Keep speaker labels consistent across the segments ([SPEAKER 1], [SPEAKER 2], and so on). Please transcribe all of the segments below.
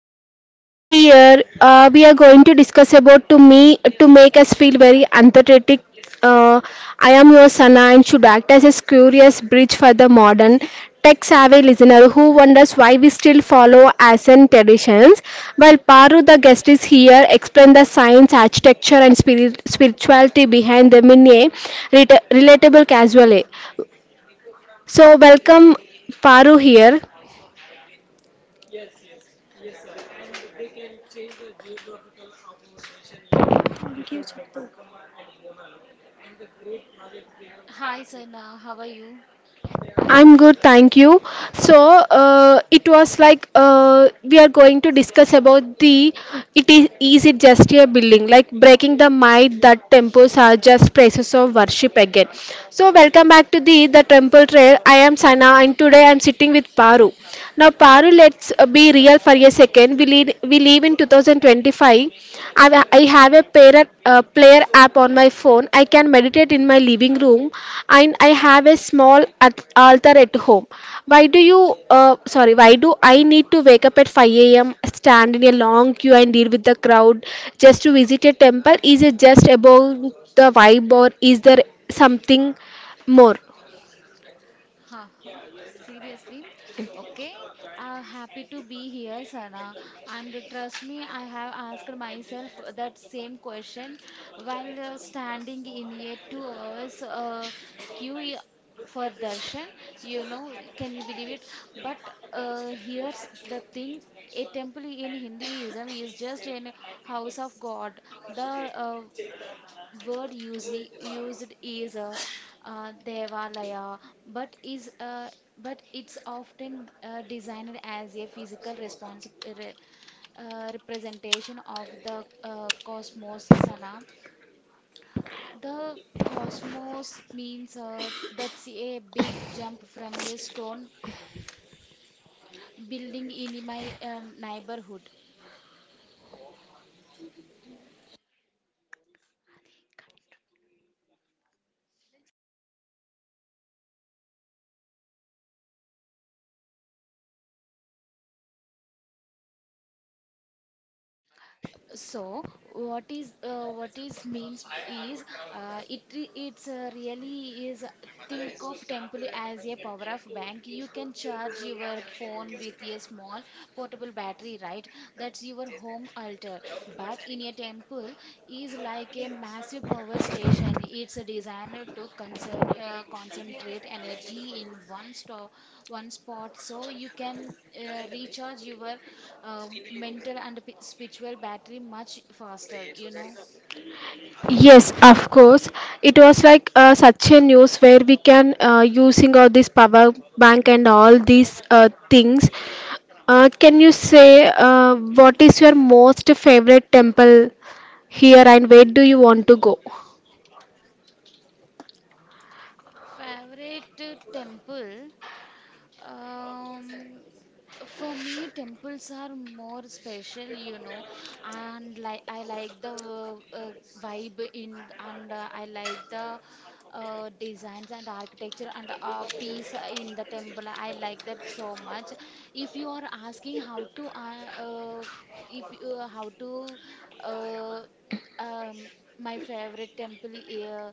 [SPEAKER 1] prayer. So here, we are going to discuss about to me to make us feel very empathetic. uh, I am your Sana and should act as a curious bridge for the modern tech savvy listener who wonders why we still follow ancient traditions, while Paru the guest is here explain the science, architecture, and spirituality behind them in a relatable casual way. So, welcome Paru here. Thank you.
[SPEAKER 2] Hi, Sana. How are you?
[SPEAKER 1] I'm good, thank you. So, it was like we are going to discuss about the, it is it just a building, like breaking the myth that temples are just places of worship again. So, welcome back to the temple trail. I am Sana, and today I'm sitting with Paru. Now, Paru, let's be real for a second. We live in 2025. I have a player, player app on my phone. I can meditate in my living room, and I have a small altar at home. Why do I need to wake up at 5 a.m., stand in a long queue, and deal with the crowd just to visit a temple? Is it just about the vibe, or is there something more?
[SPEAKER 2] Haha, Seriously? Okay. Happy to be here, Sana. And trust me, I have asked myself that same question while standing in a 2 hours queue for darshan. You know, can you believe it? But here's the thing. A temple in Hinduism is just an house of God. The word used is devalaya but is uh, but it's often designed as a physical re, representation of the cosmos, Sana. The cosmos means that's a big jump from a stone building in my neighborhood. So what is means is, it re- it's really is, think of temple as a power of bank. You can charge your phone with a small portable battery, right? That's your home altar. But in a temple is like a massive power station. It's designed to concern concentrate energy in one spot so you can recharge your mental and spiritual battery much faster, you know.
[SPEAKER 1] Yes, of course. It was like such a news where we can using all this power bank and all these things. Can you say what is your most favorite temple here and where do you want to go?
[SPEAKER 2] Favorite temple. Um, for me, temples are more special, you know, and like I like the vibe, and I like the designs and architecture and peace in the temple. I like that so much. If you are asking how to, if you how to, uh, um, my favorite temple,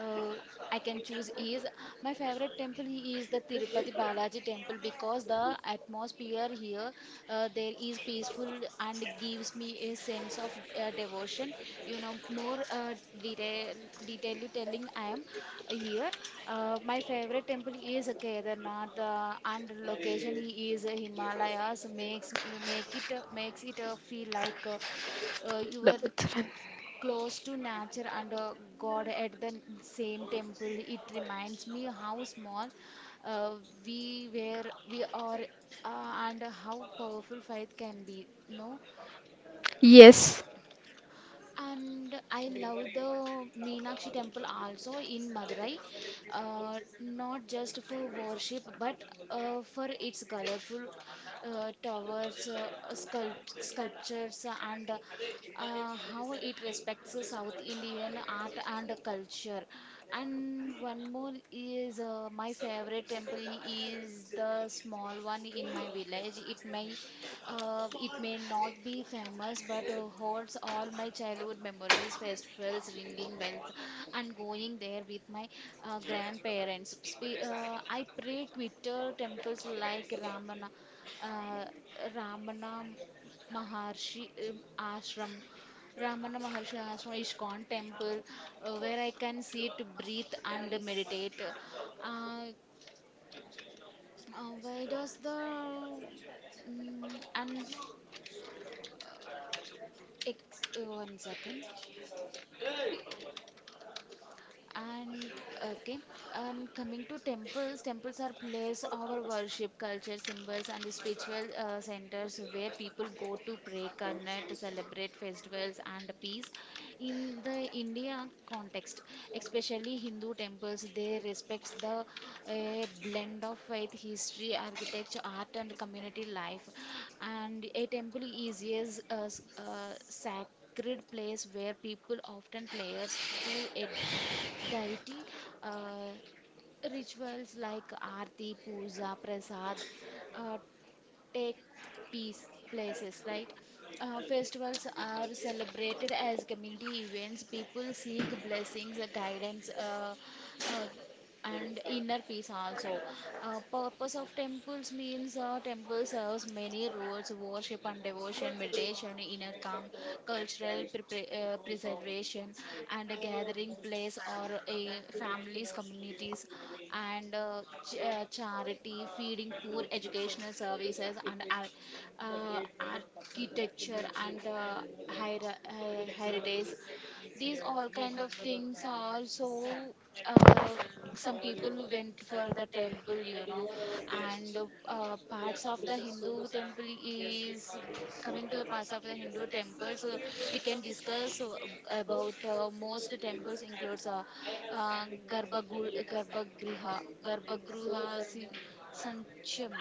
[SPEAKER 2] uh, I can choose is My favorite temple is the Tirupati Balaji temple, because the atmosphere here there is peaceful and gives me a sense of devotion. You know, more detail. Detailly telling I am here. My favorite temple is Kedarnath, and location is Himalayas makes makes it feel like you are close to nature and God at the same temple. It reminds me how small uh, we are, and how powerful faith can be. No,
[SPEAKER 1] Yes.
[SPEAKER 2] and I love the Meenakshi temple also in Madurai, not just for worship but for its colorful towers, sculptures, and how it respects the South Indian art and culture. And one more is my favorite temple is the small one in my village. It may not be famous, but holds all my childhood memories, festivals, ringing bells, and going there with my grandparents. I pray quitter temples like Ramana, uh, Ramana Maharshi, Ashram. Ramana Maharshi Ashram, ISKCON temple, where I can sit, breathe, and meditate. Uh, why does the Mm, and Ex- oh, One second. And okay, and Coming to temples, temples are place our worship, culture, symbols, and the spiritual centers where people go to pray, connect, celebrate festivals, and peace. In the India context, especially Hindu temples, they respects the blend of faith, history, architecture, art, and community life. And a temple is a sacred place where people often prayers to a deity, uh, rituals like aarti, puja, prasad, uh, take peace places, right? Uh, festivals are celebrated as community events, people seek blessings, guidance, uh, and inner peace also. Uh, purpose of temples means temple serves many roles: worship and devotion, meditation, inner calm, preservation, and a gathering place or families, communities, and charity, feeding poor, educational services, and architecture and the heritage. These all kind of things are also uh, some people went for the temple, you know. And parts of the Hindu temple is coming to the parts of the Hindu temple. So we can discuss about most temples includes Garbhagriha, Sancham,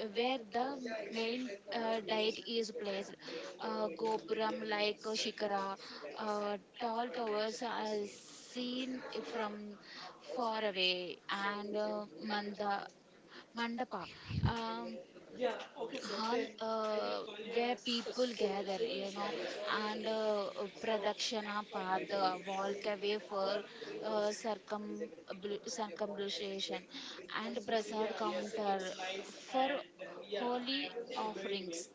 [SPEAKER 2] where the main diet is placed. Gopuram, like Shikara, tall towers are seen from far away, and Mandapa. Um, Hall where people gather, you know, and Pradakshana path, walk away for uh, circum circumambulation, and Prasad counter for holy offerings.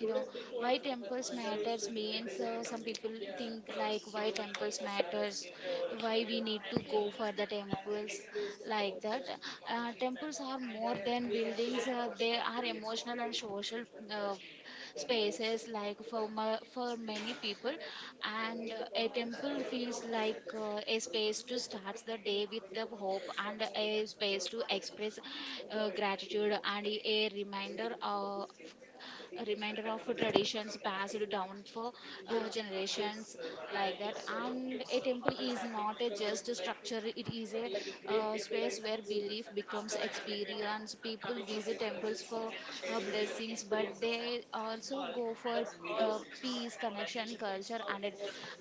[SPEAKER 2] You know, why temples matters means some people think like why temples matters, why we need to go for the temples, like that. Uh, temples are more than buildings, they are emotional and social uh, spaces like for for many people. And a temple feels like a space to start the day with the hope, and a space to express gratitude, and a reminder of traditions passed down for generations, like that. And a temple is not a just a structure, it is a space where belief becomes experience. People visit temples for blessings, but they also go for peace, connection, culture, and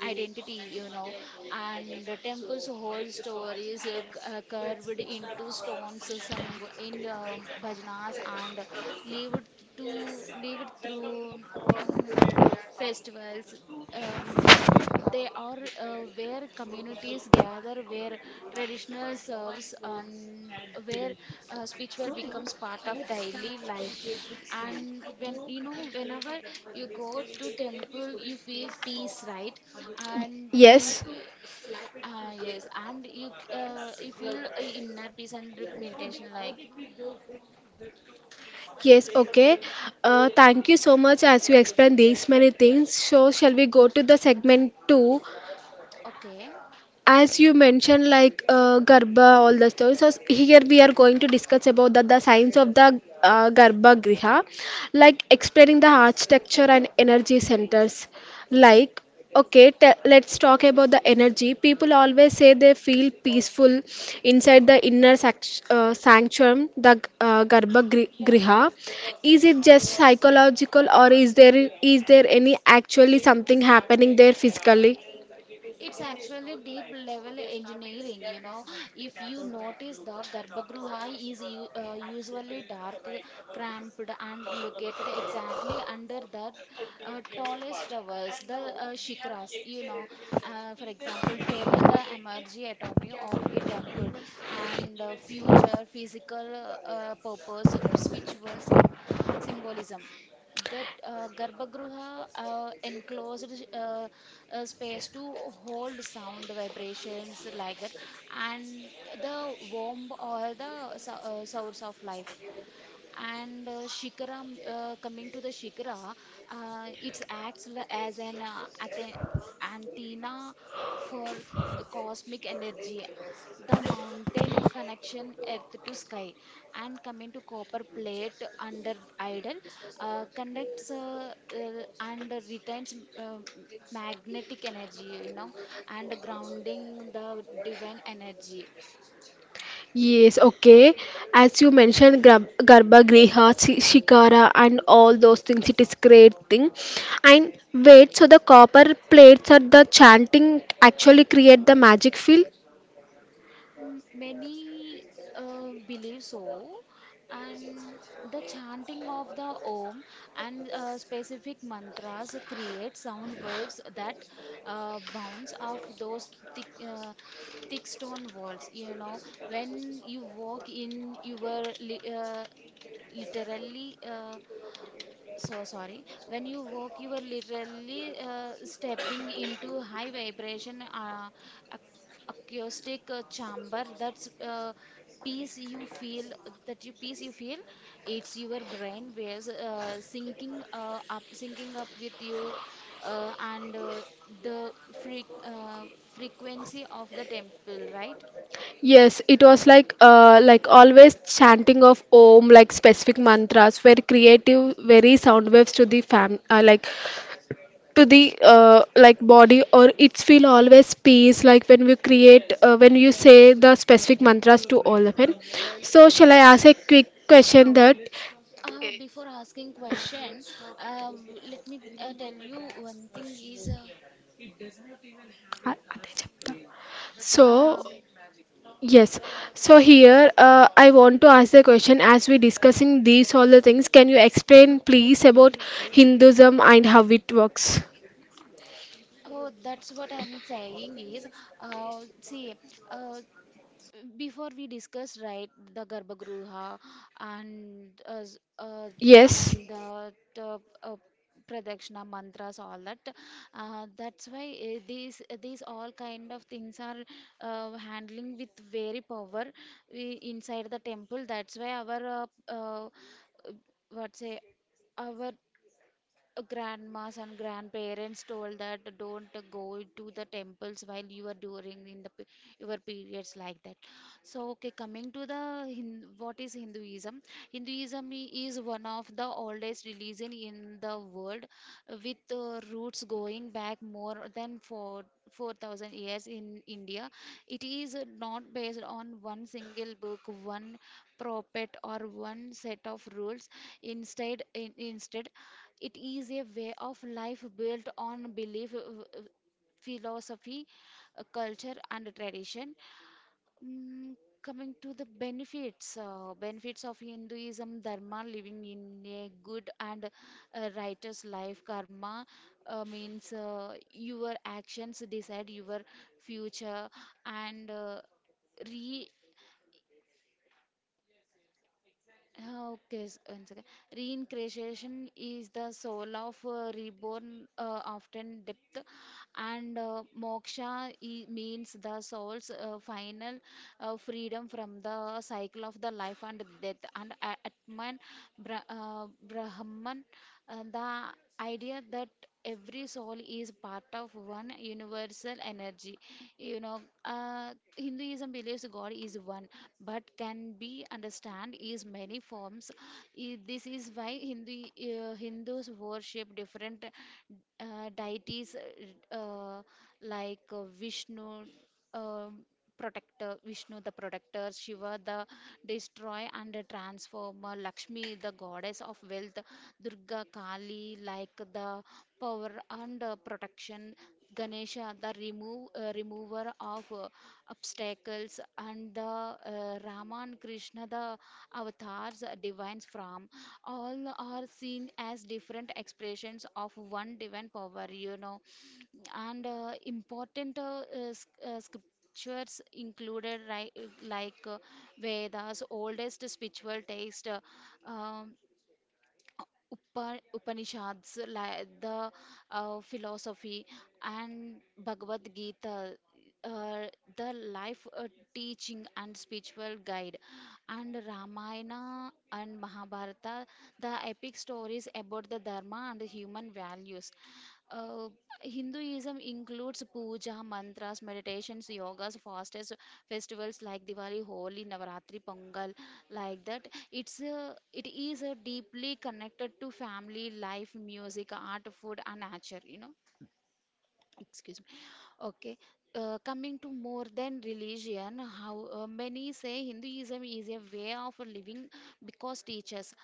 [SPEAKER 2] identity, you know. And the temple's whole story is carved into stones, sung in bhajanas, and Leave it leave it through mm, festivals. um, they are where communities gather, where traditional serves, and where spiritual becomes part of daily life. And when, you know, whenever you go to temple you feel peace, right? And you
[SPEAKER 1] Yes.
[SPEAKER 2] yes, and you you feel inner peace and meditation, like,
[SPEAKER 1] Yes, okay. Thank you so much as you explained these many things. So, shall we go to the segment two?
[SPEAKER 2] okay.
[SPEAKER 1] As you mentioned, like garba all the stories, so here we are going to discuss about the science of the garba griha, like explaining the architecture and energy centers, like, okay, let's talk about the energy. People always say they feel peaceful inside the inner sanctuary, the garba griha. Is it just psychological, or is there any actually something happening there physically?
[SPEAKER 2] It's actually deep level engineering, you know. If you notice, the Garbhagruha is usually dark, cramped, and located exactly under the tallest towers, the shikras, you know. For example, table the energy atomy of a temple and future physical purpose, spiritual symbolism, that Garbhagriha enclosed uh, space to hold sound vibrations, like that. And the womb or the source of life. And shikara coming to the shikara, it acts as an antenna for cosmic energy, the mountain connection earth to sky. And coming to copper plate under idol, conducts and retains magnetic energy, you know, and grounding the divine energy.
[SPEAKER 1] Yes, okay. As you mentioned, Garba Griha, Shikara, and all those things, it is great thing. And wait, so the copper plates or the chanting actually create the magic feel?
[SPEAKER 2] Many believe so, and the chanting of the Om and specific mantras create sound waves that bounce off those thick, uh, thick stone walls. You know, when you walk in your li literally so sorry when you walk you are literally stepping into high vibration acoustic chamber. That's peace you feel peace you feel. It's your brain waves syncing up with you uh, and uh, the fre- uh, frequency of the temple, right?
[SPEAKER 1] Yes, it was like always chanting of Om, like specific mantras were creative, very sound waves to the fam like to the like body, or it's feel always peace, like when we create when you say the specific mantras to all of them. So
[SPEAKER 2] Uh,
[SPEAKER 1] shall I ask
[SPEAKER 2] s-
[SPEAKER 1] a quick question that,
[SPEAKER 2] Before asking question, let me tell you one thing is,
[SPEAKER 1] అదే చెప్తా. So,
[SPEAKER 2] uh,
[SPEAKER 1] yes, so here I want to ask the question, as we discussing these all the things, can you explain please about Hinduism and how it works?
[SPEAKER 2] oh, that's what I'm saying is, see, uh, before we discuss, right, the garbhagriha and
[SPEAKER 1] Yes.
[SPEAKER 2] and the pradakshina mantras, all that. Uh, that's why these all kind of things are handling with very power inside the temple. That's why our uh, what say, our grandmas and grandparents told that don't go to the temples while you are during in the your periods, like that. So okay, coming to the what is hinduism. Hinduism is one of the oldest religion in the world, with roots going back more than 4 4000 years in india. It is not based on one single book, one prophet, or one set of rules. Instead, it is a way of life built on belief, philosophy, culture, and tradition. Mm, Coming to the benefits, benefits of Hinduism: dharma, living in a good and righteous life; karma means your actions decide your future; and re okay, one second. Reincarnation is the soul of reborn, often depth, and moksha means the soul's final freedom from the cycle of the life and death. Atman, Brahman, the idea that every soul is part of one universal energy. You know, Hinduism believes God is one, but can be understand is many forms. This is why Hindus worship different deities, uh, like Vishnu. Um, Vishnu the protector, Shiva the destroyer and the transformer, Lakshmi the goddess of wealth, Durga Kali like the power and protection, Ganesha the remover of obstacles, and the Rama and Krishna the avatars, divines from. All are seen as different expressions of one divine power. You know, and important scriptures included, right, like vedas, oldest spiritual text, um, upanishads, like the philosophy, and bhagavad gita, uh, the life teaching and spiritual guide, and ramayana and mahabharata, the epic stories about the dharma and human values. Uh, Hinduism includes puja, mantras, meditations, yogas, fasts, festivals like Diwali, Holi, Navaratri, Pongal, like that. It is deeply connected to family life, music, art, food, and nature. Excuse me. Okay. Coming to more than religion, how many say Hinduism is a way of living because teaches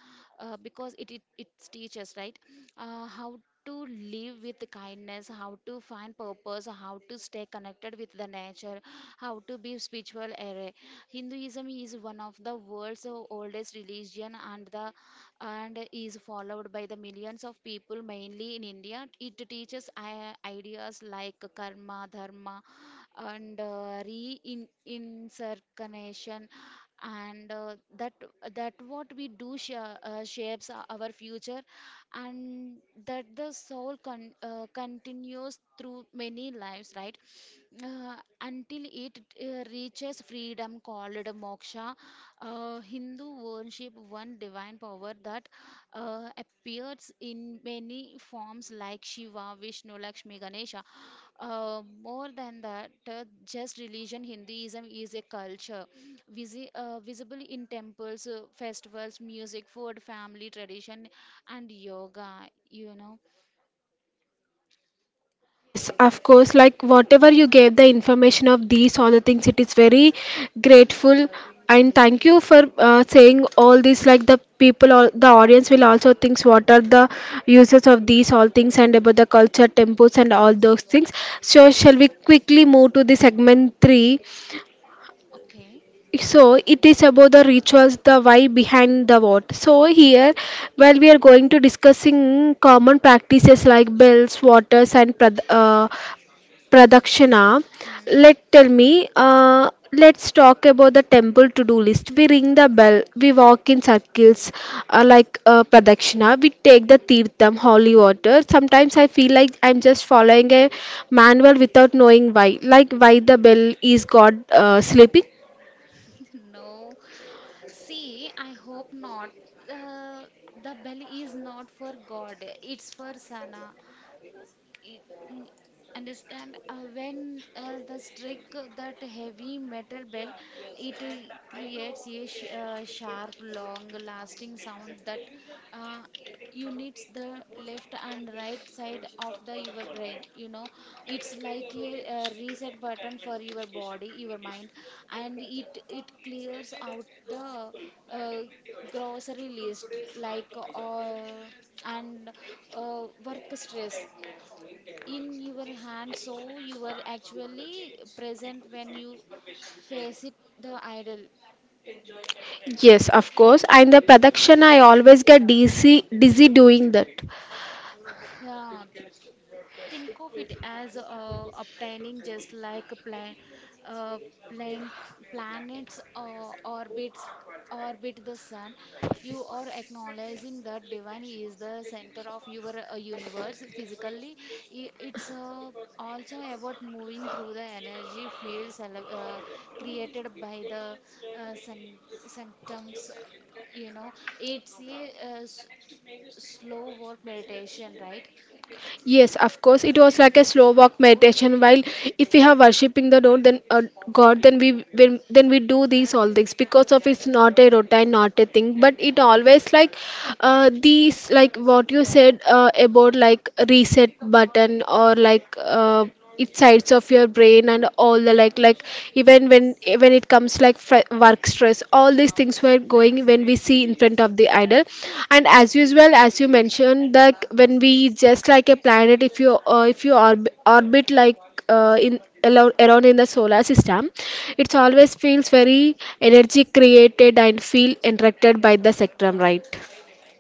[SPEAKER 2] because it teaches, right? How to live with kindness, how to find purpose, how to stay connected with the nature, how to be spiritual array. Hinduism is one of the world's oldest religion and the and is followed by the millions of people, mainly in India. It teaches ideas like karma, dharma, and reincarnation, and that what we do shapes our future, and that the soul continues through many lives, right? Uh, until it reaches freedom called moksha. Hindu worship one divine power that appears in many forms like Shiva, Vishnu, Lakshmi, Ganesha. More than that, just religion, Hinduism is a culture visible in temples, festivals, music, food, family, tradition, and yoga, you know.
[SPEAKER 1] Yes, of course. Like whatever you gave the information of these all the things, it is very grateful, and thank you for saying all this. Like the people, all the audience will also thinks what are the uses of these all things and about the culture, temples, and all those things. So shall we quickly move to the segment three?
[SPEAKER 2] Okay.
[SPEAKER 1] So it is about the rituals, the why behind the what. So here, while we are going to discussing common practices like bells, waters, and Pradakshina,
[SPEAKER 2] Mm.
[SPEAKER 1] let tell me, let's talk about the temple to-do list. We ring the bell, we walk in circles like Pradakshina, we take the Tirtham, holy water. Sometimes I feel like I'm just following a manual without knowing why, like why the bell is God sleeping.
[SPEAKER 2] No, see, I hope not. Uh, the belly is not for God, it's for Sana it, n- understand when the strike that heavy metal bell, it creates a sh sharp long lasting sound that uh, units the left and right side of the your brain, you know. It's like a, reset button for your body, your mind, and it clears out the uh, grocery list, like uh, and work stress in your hand, so you are actually present when you face it, the idol.
[SPEAKER 1] Yes, of course. And the Pradakshina, I always get dizzy doing that.
[SPEAKER 2] Yeah. Think of it as obtaining just like a uh, plan, planets orbit the sun. You are acknowledging that divine is the center of your universe physically. It's also about moving through the energy fields created by the sun sanctums. You know, it's a uh, s- slow work meditation, right?
[SPEAKER 1] Yes, of course. It was like a slow walk meditation. While if we are worshiping the Lord, then God, then we when, then we do these all things, because of it's not a routine, not a thing. But it always like these like what you said about like reset button or like it sides of your brain, and all the like even when it comes like work stress, all these things were going when we see in front of the idol. And as usual, as you mentioned, that when we just like a planet, if you orbit like in around in the solar system, it always feels very energy created and feel interacted by the spectrum, right?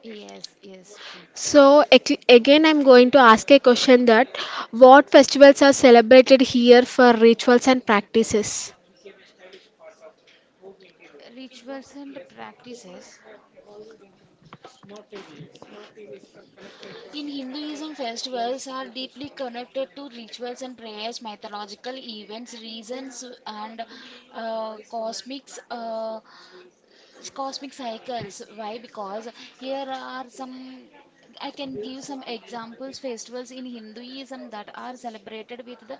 [SPEAKER 2] Yes, yes, true.
[SPEAKER 1] So again, I'm going to ask a question that, what festivals are celebrated here for rituals and practices?
[SPEAKER 2] Rituals and practices. In Hinduism, festivals are deeply connected to rituals and prayers, mythological events, reasons, and cosmics. Cosmic cycles. Why? Because here are some. I can give some examples festivals in Hinduism that are celebrated with the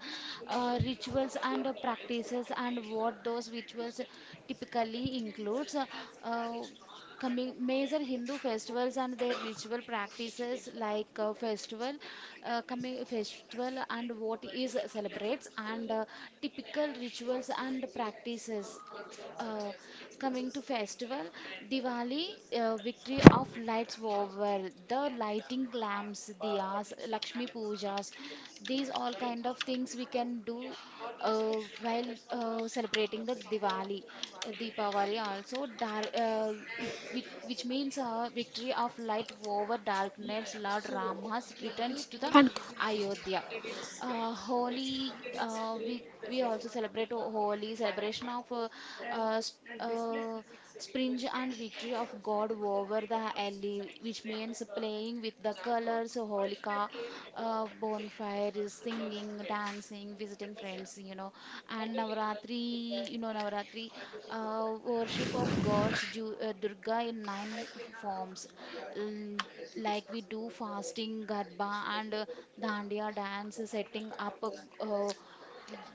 [SPEAKER 2] rituals and practices, and what those rituals typically includes. uh, Coming major Hindu festivals and their ritual practices like festival, coming festival, and what is celebrates, and typical rituals and practices. uh, Coming to festival, Diwali, victory of lights over the lighting lamps, diyas, Lakshmi pujas, these all kind of things we can do uh, while celebrating the Diwali. Deepavali also, which means victory of light over darkness. Lord Rama returns to the Ayodhya. Holi, we also celebrate Holi, celebration of sp springe and victory of God over the alley, which means playing with the colors, Holika, bonfire, singing, dancing, visiting friends, you know. And Navaratri, you know, Navaratri, worship of gods, Ju Durga in nine forms, l- like we do fasting, garba, and dandiya dance, setting up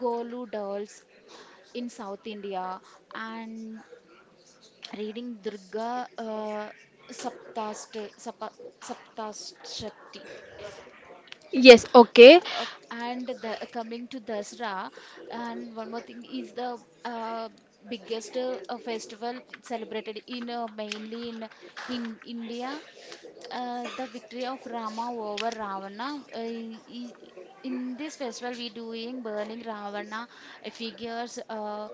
[SPEAKER 2] golu dolls in South India, and reading Durga saptast sapa, Saptashati.
[SPEAKER 1] Yes, okay.
[SPEAKER 2] And the coming to Dasra, and one more thing is the uh, biggest festival celebrated in mainly in India, the victory of Rama over Ravana. I- in this festival, we doing burning Ravana figures,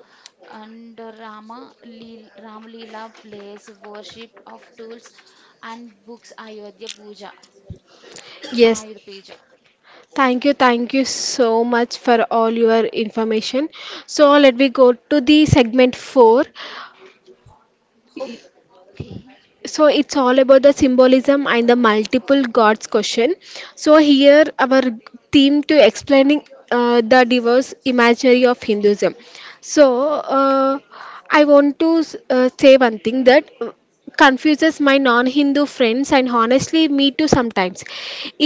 [SPEAKER 2] and Ram Leela plays, worship of tools and books, Ayodhya Puja.
[SPEAKER 1] Yes.
[SPEAKER 2] Ayodhya Puja.
[SPEAKER 1] Thank you so much for all your information. So let me go to the segment four.
[SPEAKER 2] Okay.
[SPEAKER 1] So it's all about the symbolism and the multiple gods question. So here our theme to explaining the diverse imaginary of Hinduism. So uh, I want to say one thing that confuses my non-Hindu friends, and honestly me too sometimes,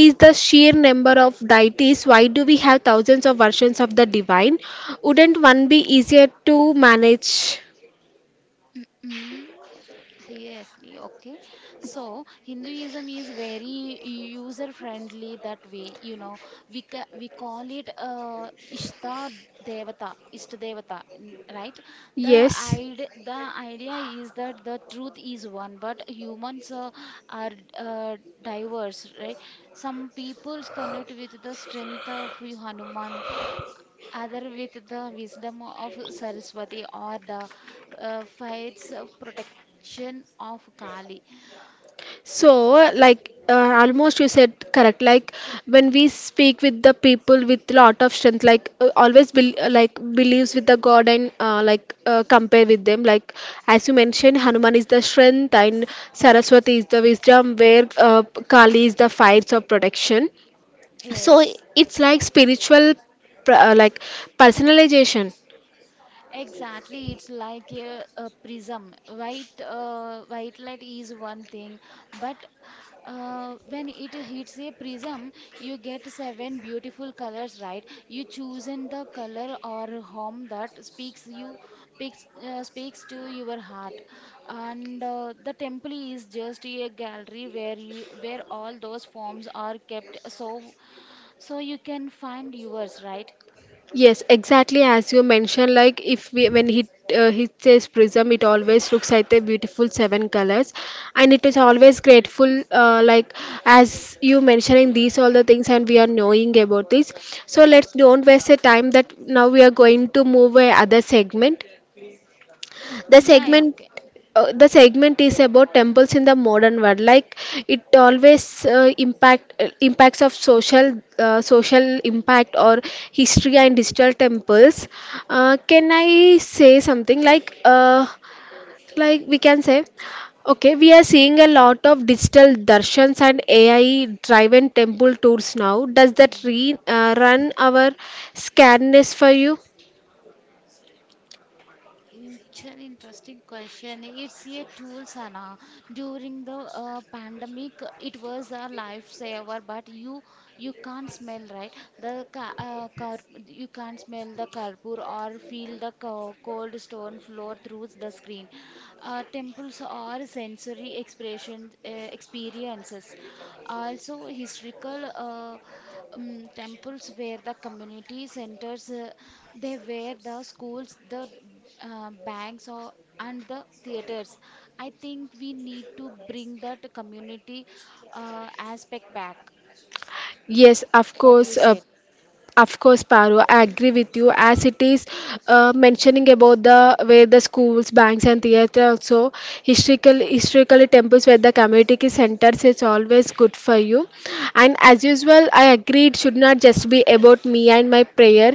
[SPEAKER 1] is the sheer number of deities. Why do we have thousands of versions of the divine? Wouldn't one be easier to manage?
[SPEAKER 2] Mm. Seriously, okay. So Hinduism is very user friendly that way. You know, we call it Ishta Ishta Devata, right? The
[SPEAKER 1] Yes.
[SPEAKER 2] id the idea is that the truth is one, but humans are diverse, right? Some peoples connect with the strength of Hanuman, other with the wisdom of Saraswati or the faith's protection of Kali.
[SPEAKER 1] So, like almost you said correct. Like when we speak with the people with lot of strength, like always bel like believes with the God, and like compare with them. Like as you mentioned, Hanuman is the strength and Saraswati is the wisdom, where Kali is the fires of protection. So
[SPEAKER 2] Yes.
[SPEAKER 1] it's like spiritual, like personalization.
[SPEAKER 2] Exactly, it's like a prism. White light is one thing, but when it hits a prism, you get seven beautiful colors, right? You chosen the color or home that speaks to your heart, and the temple is just a gallery where where all those forms are kept, so so you can find yours, right?
[SPEAKER 1] Yes, exactly as you mentioned, like if we when he says prism, it always looks like the beautiful seven colors, and it is always grateful. Like as you mentioning these all the things, and we are knowing about this. So let's don't waste the time, that now we are going to move a other segment, the
[SPEAKER 2] Yeah, yeah,
[SPEAKER 1] segment,
[SPEAKER 2] okay.
[SPEAKER 1] the segment is about temples in the modern world. Like it always impacts of social social impact or history and digital temples. Can I say something like we can say, okay, we are seeing a lot of digital darshans and AI driven temple tours now. Does that
[SPEAKER 2] Mm.
[SPEAKER 1] run our scarenness for you?
[SPEAKER 2] Mm, Chal, interesting question. It's a tool, Sana. During the pandemic, it was a lifesaver, but you can't smell, right? The car you can't smell the carpur or feel the co cold stone floor through the screen. Temples are sensory expression experiences. Also, historical temples were the community centers. They were the schools, the banks, or, and the theaters. I think we need to bring that community aspect back,
[SPEAKER 1] Yes, of
[SPEAKER 2] what
[SPEAKER 1] course.
[SPEAKER 2] you
[SPEAKER 1] Uh,
[SPEAKER 2] said.
[SPEAKER 1] Of course, Paru, I agree with you. As it is mentioning about the where the schools, banks, and theatre also, historical historically temples where the community centers is always good for you. And as usual, I agree it should not just be about me and my prayer,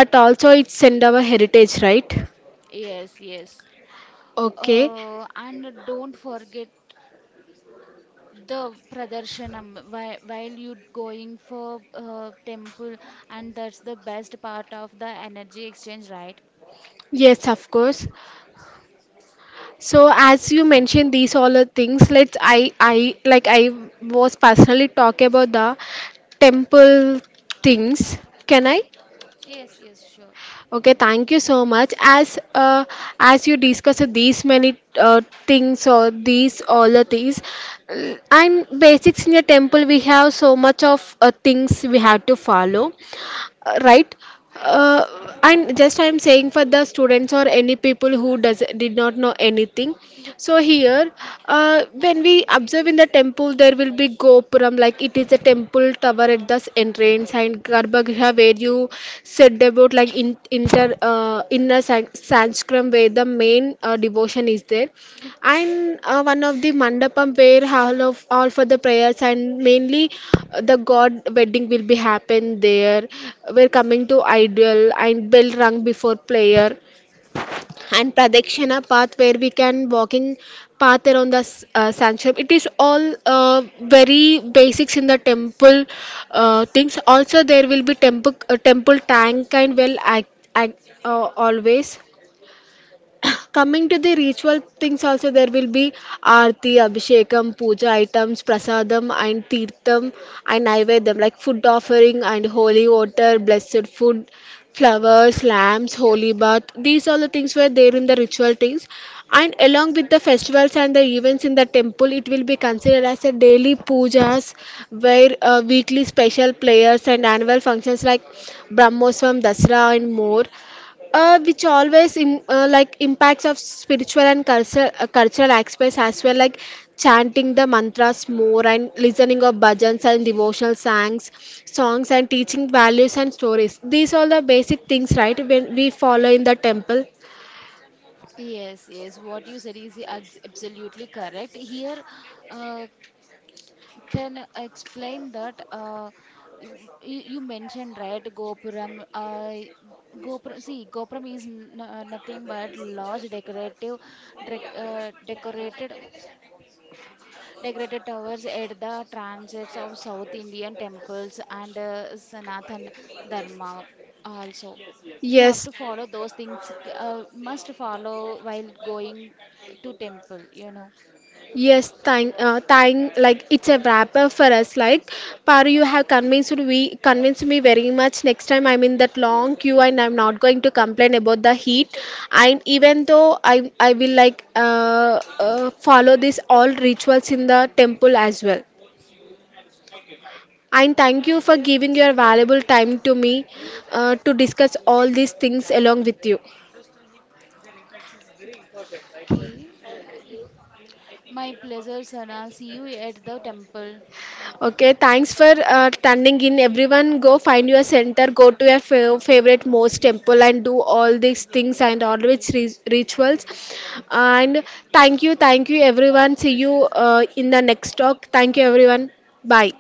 [SPEAKER 1] but also it's send our heritage, right?
[SPEAKER 2] Yes, yes.
[SPEAKER 1] Okay.
[SPEAKER 2] And don't forget the Pradarshanam while you going for temple, and that's the best part of the energy exchange, right?
[SPEAKER 1] Yes, of course. So as you mentioned these all the things, let's I like I was personally talk about the temple things. Can I?
[SPEAKER 2] Yes, yes, sure.
[SPEAKER 1] Okay, thank you so much. As you discussed these many things or these all the things, and basics in a temple, we have so much of things we have to follow, right?
[SPEAKER 2] Yes.
[SPEAKER 1] uh, and just I am saying for the students or any people who does did not know anything. So here when we observe in the temple, there will be gopuram, like it is a temple tower at the entrance, and garbhagriha, where you said about like in inter inner sanskram, where the main devotion is there, and one of the mandapam where all of all for the prayers, and mainly the god wedding will be happen there. We're coming to ideal and bell rung before prayer, and pradakshina path where we can walking path around the sanctuary. It is all uh, very basics in the temple things. Also there will be temple tank and well act, always. Coming to the ritual things, also there will be aarti, abhishekam, puja items, prasadam and tirtham and naivedyam, like food offering and holy water, blessed food, flowers, lamps, holy bath. These all the things were there in the ritual things. And along with the festivals and the events in the temple, it will be considered as a daily pujas, where weekly special prayers and annual functions like Brahmoswam, Dasra and more, which always like impacts of spiritual and cultural aspects as well, like chanting the mantras more and listening of bhajans and devotional songs and teaching values and stories. These are the basic things, right, when we follow in the temple.
[SPEAKER 2] Yes, yes, what you said is absolutely correct. Here, uh, can explain that you, you mentioned right, Gopuram. Gopuram, see, Gopuram is n nothing but large decorative, dec decorated. Decorated towers at the transits of South Indian temples and Sanatana Dharma also. We have
[SPEAKER 1] Yes.
[SPEAKER 2] to follow those things, must follow while going to temple, you know.
[SPEAKER 1] Thank. Like it's a wrap up for us. Like, Paru, you have convinced me very much. Next time I'm in that long queue, and I'm not going to complain about the heat. And even though I will like follow this all rituals in the temple as well. And thank you for giving your valuable time to me to discuss all these things along with you.
[SPEAKER 2] Okay. My pleasure, Sana. See you at the temple.
[SPEAKER 1] Okay, thanks for standing in. Everyone, go find your center, go to your favorite most temple, and do all these things and all these rituals. And thank you, everyone. See you in the next talk. Thank you, everyone. Bye.